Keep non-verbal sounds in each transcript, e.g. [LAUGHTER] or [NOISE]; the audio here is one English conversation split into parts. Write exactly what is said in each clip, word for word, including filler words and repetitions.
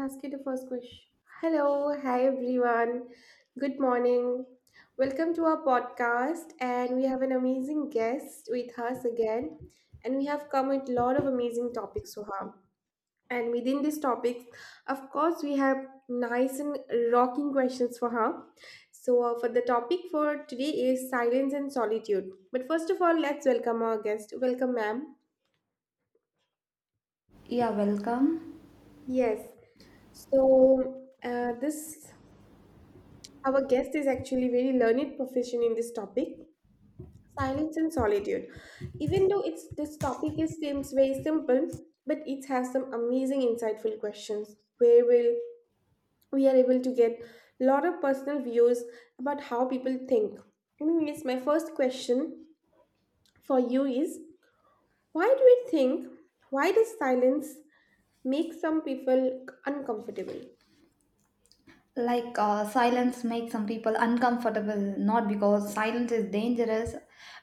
Ask you the first question. Hello, hi everyone. Good morning. Welcome to our podcast, and we have an amazing guest with us again, and we have come with a lot of amazing topics, Soham. And within these topics, of course, we have nice and rocking questions for her. So, uh, for the topic for today is silence and solitude. But first of all, let's welcome our guest. Welcome, ma'am. Yeah, welcome. Yes. So, uh, this Our guest is actually very learned profession in this topic, silence and solitude. Even though it's this topic is seems very simple, but it has some amazing insightful questions where will we are able to get a lot of personal views about how people think. Anyways, my first question for you is why do we think why does silence make some people uncomfortable? Like, uh, silence makes some people uncomfortable, not because silence is dangerous,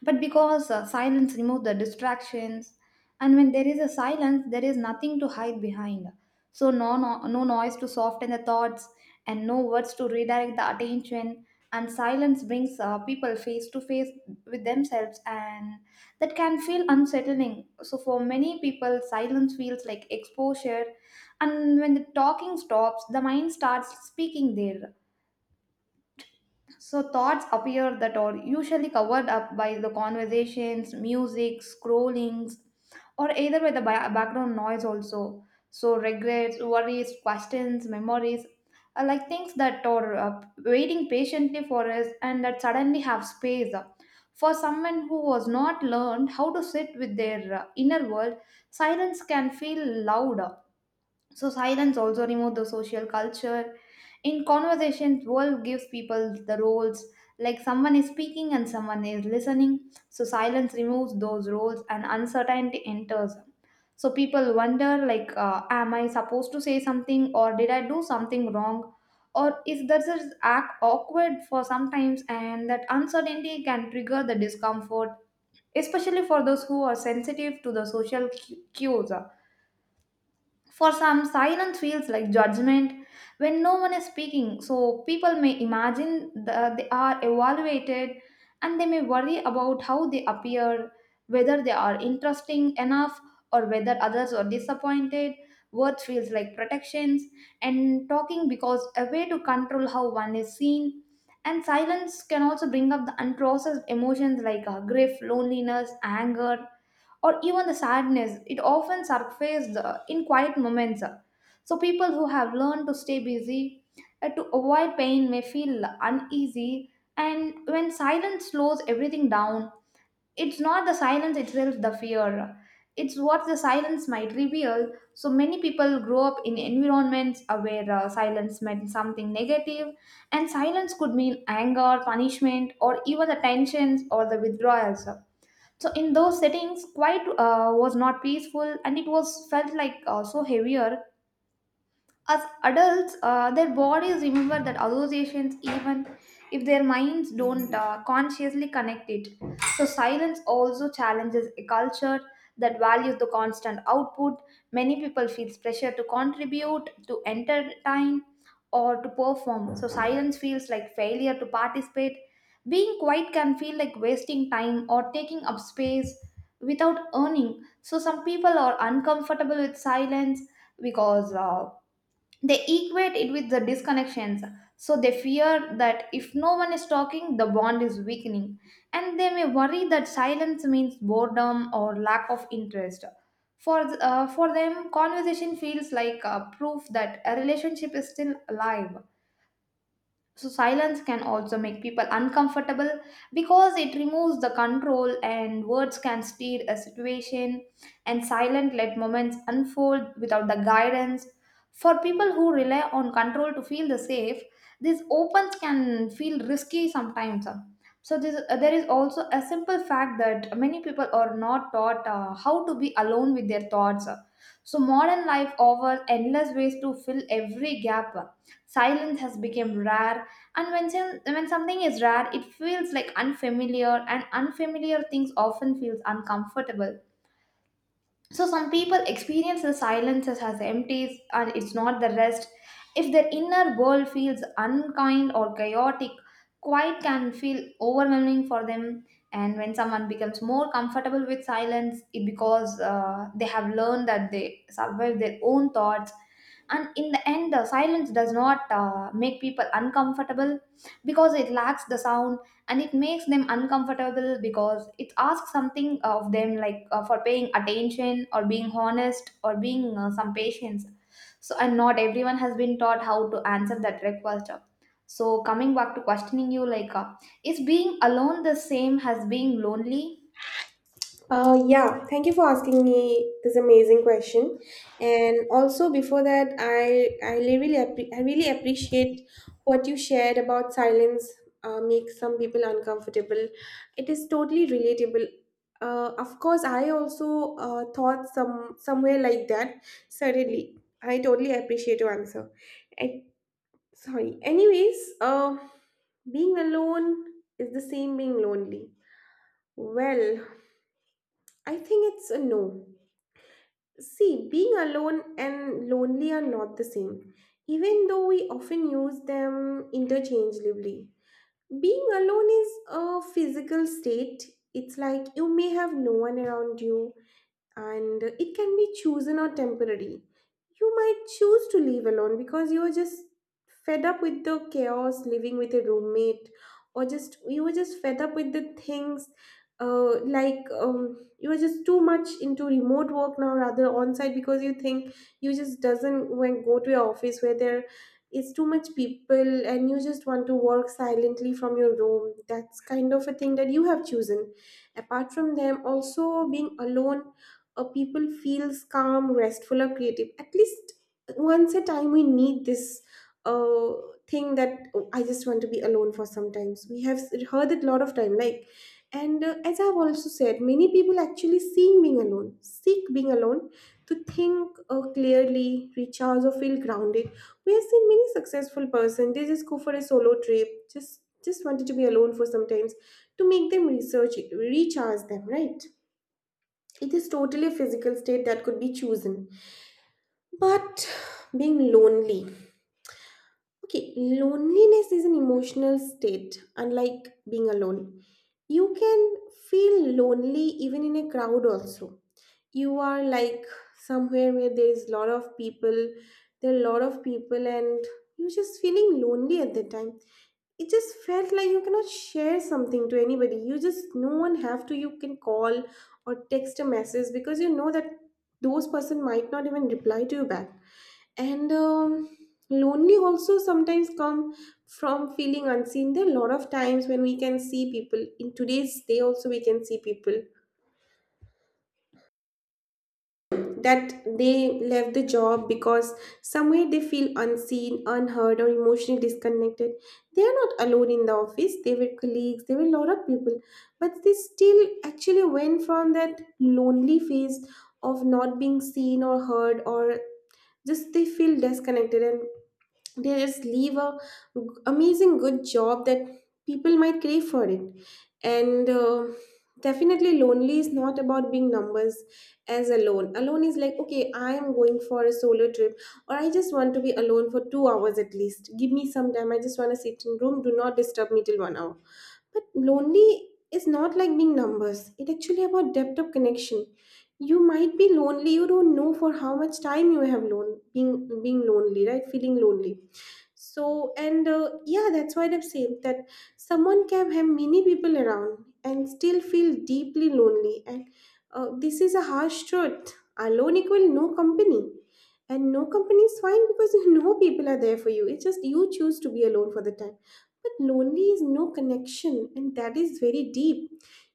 but because uh, silence removes the distractions. And when there is a silence, there is nothing to hide behind. So, no, no, no noise to soften the thoughts, and no words to redirect the attention. And silence brings uh, people face to face with themselves, and that can feel unsettling. So, for many people, silence feels like exposure, and when the talking stops, the mind starts speaking there, so thoughts appear that are usually covered up by the conversations, music, scrollings, or either by the ba- background noise also. So regrets, worries, questions, memories are like things that are uh, waiting patiently for us and that suddenly have space. For someone who was not learned how to sit with their uh, inner world, silence can feel loud. So silence also removes the social culture. In conversations, world gives people the roles, like someone is speaking and someone is listening. So silence removes those roles and uncertainty enters. So people wonder, like, uh, am I supposed to say something, or did I do something wrong? Or is this is act awkward for sometimes, and that uncertainty can trigger the discomfort, especially for those who are sensitive to the social cu- cues. For some, silence feels like judgment. When no one is speaking, so people may imagine that they are evaluated, and they may worry about how they appear, whether they are interesting enough or whether others are disappointed. Words feels like protections, and talking because a way to control how one is seen. And silence can also bring up the unprocessed emotions, like uh, grief, loneliness, anger, or even the sadness. It often surfaces uh, in quiet moments. So, people who have learned to stay busy uh, to avoid pain may feel uneasy, and when silence slows everything down, it's not the silence itself the fear. It's what the silence might reveal. So many people grow up in environments uh, where uh, silence meant something negative, and silence could mean anger, punishment, or even the tensions or the withdrawals. So in those settings, quiet uh, was not peaceful, and it was felt like uh, so heavier. As adults, uh, their bodies remember that associations, even if their minds don't uh, consciously connect it. So, silence also challenges a culture that values the constant output. Many people feel pressure to contribute, to entertain, or to perform. So, silence feels like failure to participate. Being quiet can feel like wasting time or taking up space without earning. So, some people are uncomfortable with silence because uh, they equate it with the disconnections, so they fear that if no one is talking, the bond is weakening, and they may worry that silence means boredom or lack of interest. For th- uh, for them, conversation feels like uh, proof that a relationship is still alive. So silence can also make people uncomfortable because it removes the control, and words can steer a situation, and silent let moments unfold without the guidance. For people who rely on control to feel the safe, these opens can feel risky sometimes. So this, uh, there is also a simple fact that many people are not taught uh, how to be alone with their thoughts. So modern life offers endless ways to fill every gap. Silence has become rare, and when, some- when something is rare, it feels like unfamiliar, and unfamiliar things often feels uncomfortable. So some people experience the silences as empties, and it's not the rest. If their inner world feels unkind or chaotic, quiet can feel overwhelming for them. And when someone becomes more comfortable with silence, it because uh, they have learned that they survive their own thoughts. And in the end, the silence does not uh, make people uncomfortable because it lacks the sound, and it makes them uncomfortable because it asks something of them, like uh, for paying attention or being honest or being uh, some patience. So and not everyone has been taught how to answer that request. So coming back to questioning you, like uh, is being alone the same as being lonely? Uh, yeah, thank you for asking me this amazing question. And also before that, I I really appre- I really appreciate what you shared about silence uh, makes some people uncomfortable. It is totally relatable. Uh, of course, I also uh, thought some somewhere like that. Certainly, I totally appreciate your answer. And, sorry. Anyways, uh, being alone is the same being lonely. Well, I think it's a no. See, being alone and lonely are not the same, even though we often use them interchangeably. Being alone is a physical state. It's like you may have no one around you, and it can be chosen or temporary. You might choose to leave alone because you are just fed up with the chaos living with a roommate, or just you were just fed up with the things. Uh, like um, you are just too much into remote work now rather on site because you think you just doesn't when go to your office where there is too much people and you just want to work silently from your room. That's kind of a thing that you have chosen. Apart from them also being alone or people feels calm, restful or creative. At least once a time we need this uh, thing that, "Oh, I just want to be alone for some times." We have heard it a lot of time, like. And uh, as I've also said, many people actually seek being alone, seek being alone to think uh, clearly, recharge or feel grounded. We have seen many successful person. They just go for a solo trip, just just wanted to be alone for some times to make them research, recharge them, right? It is totally a physical state that could be chosen. But being lonely. Okay, loneliness is an emotional state, unlike being alone. You can feel lonely even in a crowd, also. You are like somewhere where there is a lot of people. There are a lot of people and you're just feeling lonely at that time. It just felt like you cannot share something to anybody. You just no one have to you can call or text a message because you know that those person might not even reply to you back. And um, lonely also sometimes come from feeling unseen. There are a lot of times when we can see people in today's day. Also we can see people that they left the job because somewhere they feel unseen, unheard, or emotionally disconnected. They are not alone in the office. There were colleagues, there were a lot of people, but they still actually went from that lonely phase of not being seen or heard, or just they feel disconnected. And they just leave a amazing good job that people might crave for it. And uh, definitely lonely is not about being numbers. As alone, alone is like, okay, I am going for a solo trip, or I just want to be alone for two hours. At least give me some time. I just want to sit in room. Do not disturb me till one hour. But lonely is not like being numbers. It actually about depth of connection. You might be lonely. You don't know for how much time you have lone being being lonely, right? Feeling lonely. So, and uh, yeah, that's what I have said, that someone can have many people around and still feel deeply lonely. And uh, this is a harsh truth. Alone equal no company. And no company is fine because [LAUGHS] you know people are there for you. It's just you choose to be alone for the time. But lonely is no connection, and that is very deep.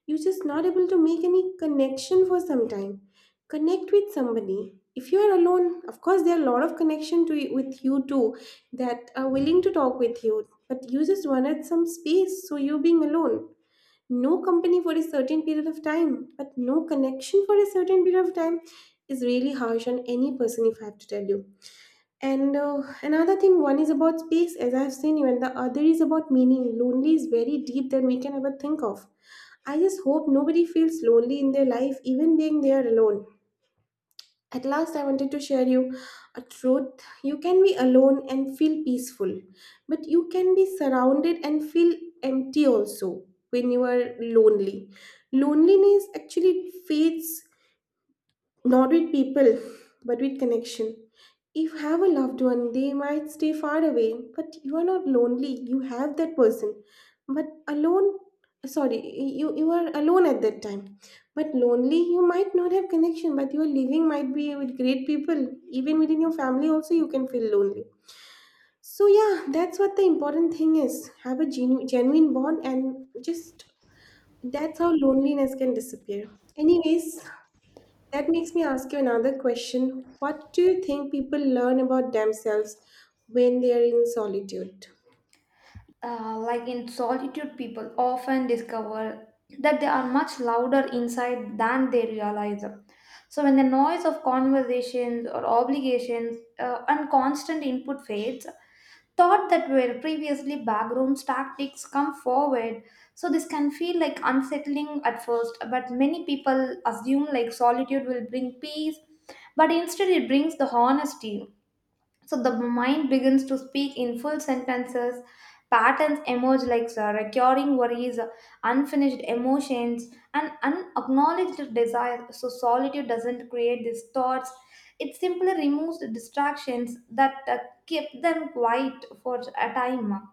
You're just not able to make any connection for some time. Connect with somebody. If you are alone, of course, there are a lot of connection to with you too that are willing to talk with you, but you just wanted some space, so you being alone. No company for a certain period of time, but no connection for a certain period of time is really harsh on any person, if I have to tell you. And uh, another thing, one is about space, as I've seen you, and the other is about meaning. Lonely is very deep than we can ever think of. I just hope nobody feels lonely in their life, even being there alone. At last, I wanted to share you a truth. You can be alone and feel peaceful, but you can be surrounded and feel empty also when you are lonely. Loneliness actually fades not with people, but with connection. If you have a loved one, they might stay far away, but you are not lonely. You have that person. But alone, sorry, you, you are alone at that time. But lonely, you might not have connection, but your living might be with great people. Even within your family, also, you can feel lonely. So, yeah, that's what the important thing is. Have a genu- genuine bond, and just that's how loneliness can disappear. Anyways, that makes me ask you another question. What do you think people learn about themselves when they are in solitude? Uh, like In solitude, people often discover that they are much louder inside than they realize. So, when the noise of conversations or obligations uh, and constant input fades, thought that were previously backroom tactics come forward. So, this can feel like unsettling at first, but many people assume like solitude will bring peace, but instead, it brings the honesty, so the mind begins to speak in full sentences. Patterns emerge, like uh, recurring worries, uh, unfinished emotions, and unacknowledged desires. So solitude doesn't create these thoughts. It simply removes the distractions that uh, keep them quiet for a time.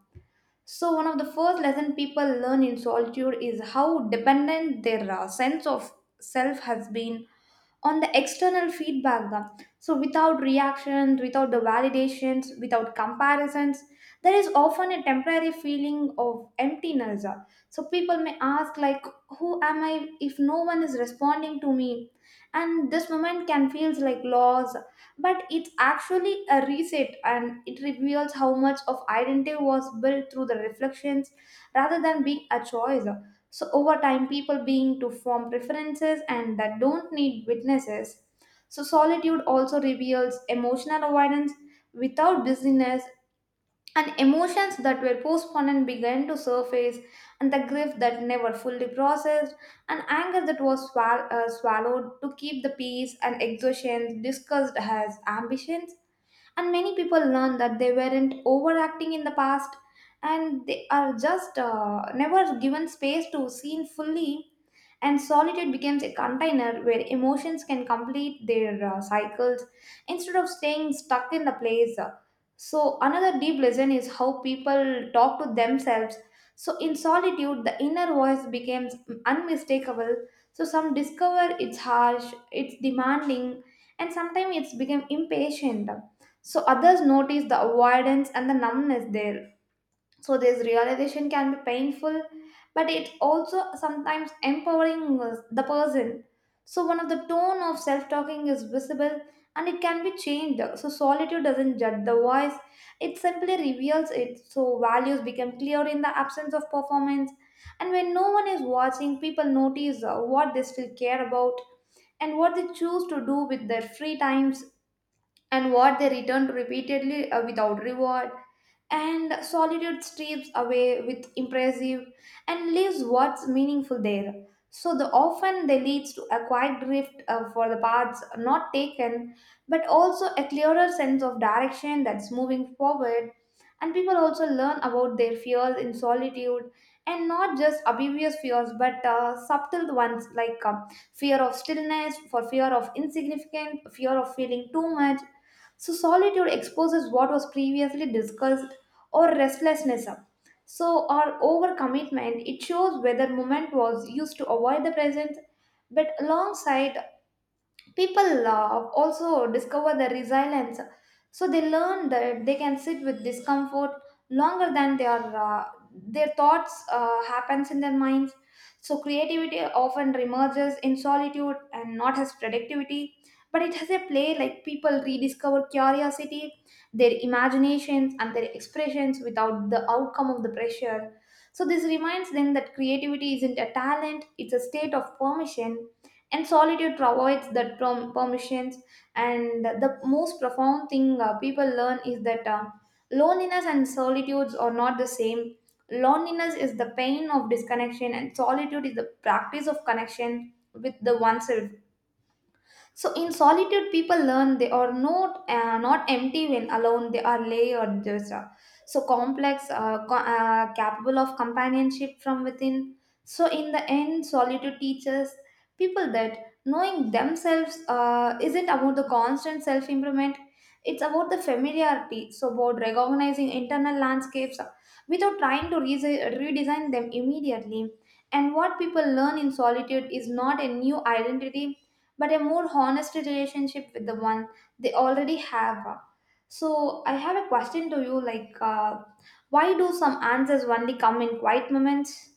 So one of the first lesson people learn in solitude is how dependent their uh, sense of self has been on the external feedback da. So without reactions, without the validations, without comparisons, there is often a temporary feeling of emptiness da. So people may ask, like, who am I if no one is responding to me? And this moment can feels like loss, but it's actually a reset, and it reveals how much of identity was built through the reflections rather than being a choice. So over time, people being to form preferences and that don't need witnesses. So solitude also reveals emotional avoidance without busyness, and emotions that were postponed began to surface, and the grief that never fully processed, and anger that was swal- uh, swallowed to keep the peace, and exhaustion discussed as ambitions. And many people learn that they weren't overacting in the past, and they are just uh, never given space to seen fully. And solitude becomes a container where emotions can complete their uh, cycles instead of staying stuck in the place. So, another deep lesson is how people talk to themselves. So, in solitude, the inner voice becomes unmistakable. So, some discover it's harsh, it's demanding, and sometimes it's become impatient. So, others notice the avoidance and the numbness there. So this realization can be painful, but it also sometimes empowering uh, the person. So one of the tone of self-talking is visible and it can be changed. So solitude doesn't judge the voice, it simply reveals it. So values become clear in the absence of performance, and when no one is watching, people notice uh, what they still care about and what they choose to do with their free times and what they return to repeatedly uh, without reward. And solitude strips away with impressive and leaves what's meaningful there. So the often they leads to a quiet drift uh, for the paths not taken, but also a clearer sense of direction that's moving forward. And people also learn about their fears in solitude, and not just obvious fears, but uh, subtle ones, like uh, fear of stillness, for fear of insignificant, fear of feeling too much. So solitude exposes what was previously discussed or restlessness up. So our overcommitment, it shows whether moment was used to avoid the present, but alongside people uh, also discover their resilience. So they learn that they can sit with discomfort longer than their uh, their thoughts uh, happens in their minds. So creativity often emerges in solitude, and not as productivity, but it has a play, like people rediscover curiosity, their imaginations and their expressions without the outcome of the pressure. So this reminds them that creativity isn't a talent, it's a state of permission, and solitude provides that prom- permissions. And the most profound thing uh, people learn is that uh, loneliness and solitudes are not the same. Loneliness is the pain of disconnection, and solitude is the practice of connection with the oneself. So in solitude, people learn they are not uh, not empty when alone. They are layered, just uh, so complex, uh, co- uh, capable of companionship from within. So in the end, solitude teaches people that knowing themselves uh, isn't about the constant self improvement. It's about the familiarity. So about recognizing internal landscapes uh, without trying to resi- redesign them immediately. And what people learn in solitude is not a new identity, but a more honest relationship with the one they already have. So I have a question to you, like uh, why do some answers only come in quiet moments?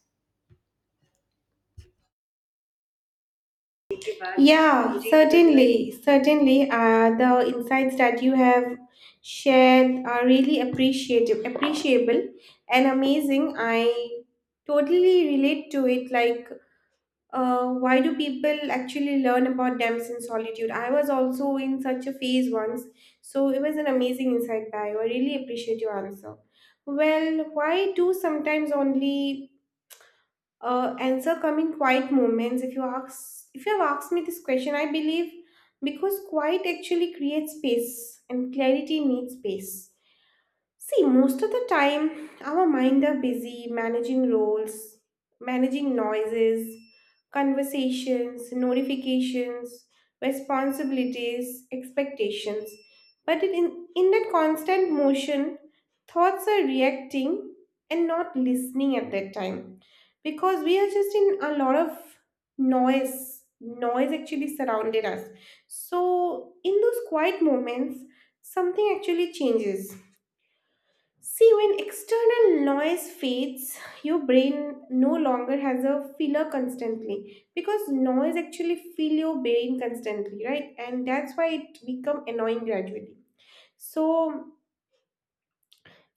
Yeah, certainly, certainly. Uh, the insights that you have shared are really appreciative, appreciable, and amazing. I totally relate to it. Like uh, why do people actually learn about dams in solitude? I was also in such a phase once, so it was an amazing insight by. I really appreciate your answer. Well, why do sometimes only uh, answer come in quiet moments? If you ask, if you have asked me this question, I believe because quiet actually creates space and clarity needs space. See, most of the time, our mind are busy managing roles, managing noises, conversations, notifications, responsibilities, expectations. But in, in that constant motion, thoughts are reacting and not listening at that time because we are just in a lot of noise. Noise actually surrounded us. So, in those quiet moments, something actually changes. See, when external noise fades, your brain no longer has a filler constantly because noise actually fill your brain constantly, right? And that's why it become annoying gradually. So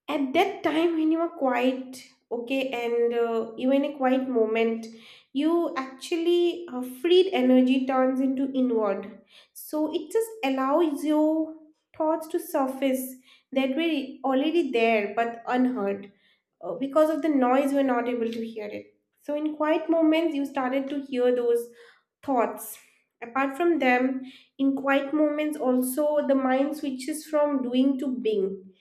at that time when you are quiet, okay, and uh, you in a quiet moment, you actually uh, freed energy turns into inward. So it just allows your thoughts to surface that were already there but unheard uh, because of the noise, we're not able to hear it. So, in quiet moments, you started to hear those thoughts. Apart from them, in quiet moments, also the mind switches from doing to being.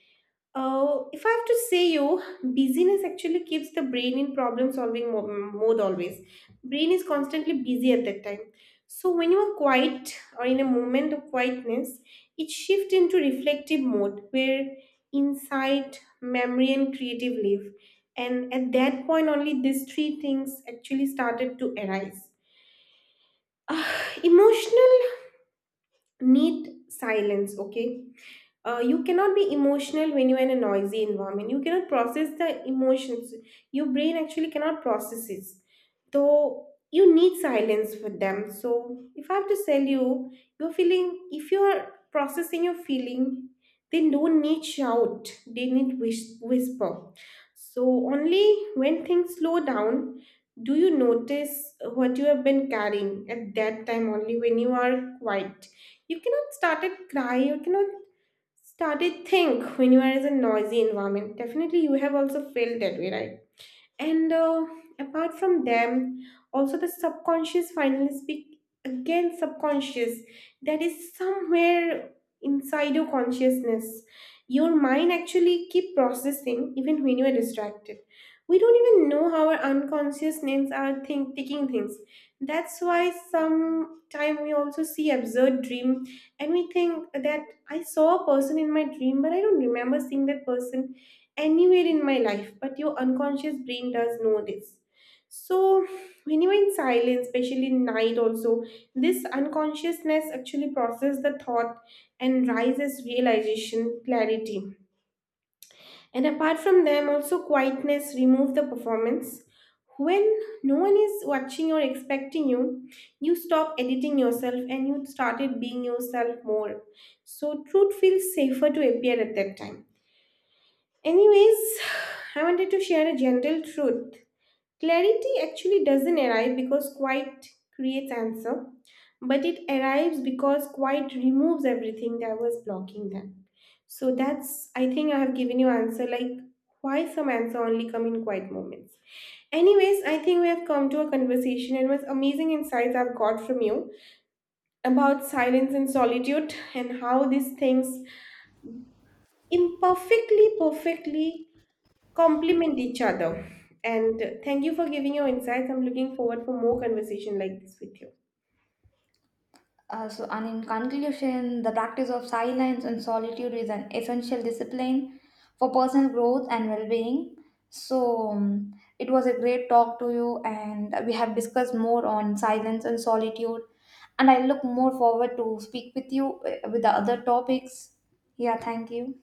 uh, If I have to say you, busyness actually keeps the brain in problem solving mo- mode always. Brain is constantly busy at that time. So when you are quiet or in a moment of quietness, it shifts into reflective mode where insight, memory, and creative live. And at that point, only these three things actually started to arise. Emotional need silence, okay? Uh, you cannot be emotional when you're in a noisy environment. You cannot process the emotions. Your brain actually cannot process it. So you need silence for them. So if I have to tell you, you're feeling, if you're processing your feeling, they don't need shout, they need whis- whisper. So only when things slow down do you notice what you have been carrying. At that time only when you are quiet, you cannot start and cry. You cannot started think when you are in a noisy environment. Definitely you have also felt that way, right? And uh, apart from them, also the subconscious finally speak again. Subconscious that is somewhere inside your consciousness. Your mind actually keep processing even when you are distracted. We don't even know how our unconscious names are think, taking things. That's why sometime we also see absurd dream, and we think that I saw a person in my dream, but I don't remember seeing that person anywhere in my life, but your unconscious brain does know this. So, when you're in silence, especially in night, also, this unconsciousness actually process the thought and rises realization, clarity. And apart from them, also quietness remove the performance. When no one is watching or expecting you, you stop editing yourself and you started being yourself more. So truth feels safer to appear at that time. Anyways, I wanted to share a gentle truth. Clarity actually doesn't arrive because quiet creates answer, but it arrives because quiet removes everything that was blocking them. So that's I think I have given you answer like why some answer only come in quiet moments. Anyways, I think we have come to a conversation and was amazing insights I've got from you about silence and solitude and how these things imperfectly perfectly complement each other. And thank you for giving your insights. I'm looking forward for more conversation like this with you. Uh, so and in conclusion, the practice of silence and solitude is an essential discipline for personal growth and well-being. So um, it was a great talk to you, and we have discussed more on silence and solitude, and I look more forward to speak with you uh, with the other topics. Yeah, thank you.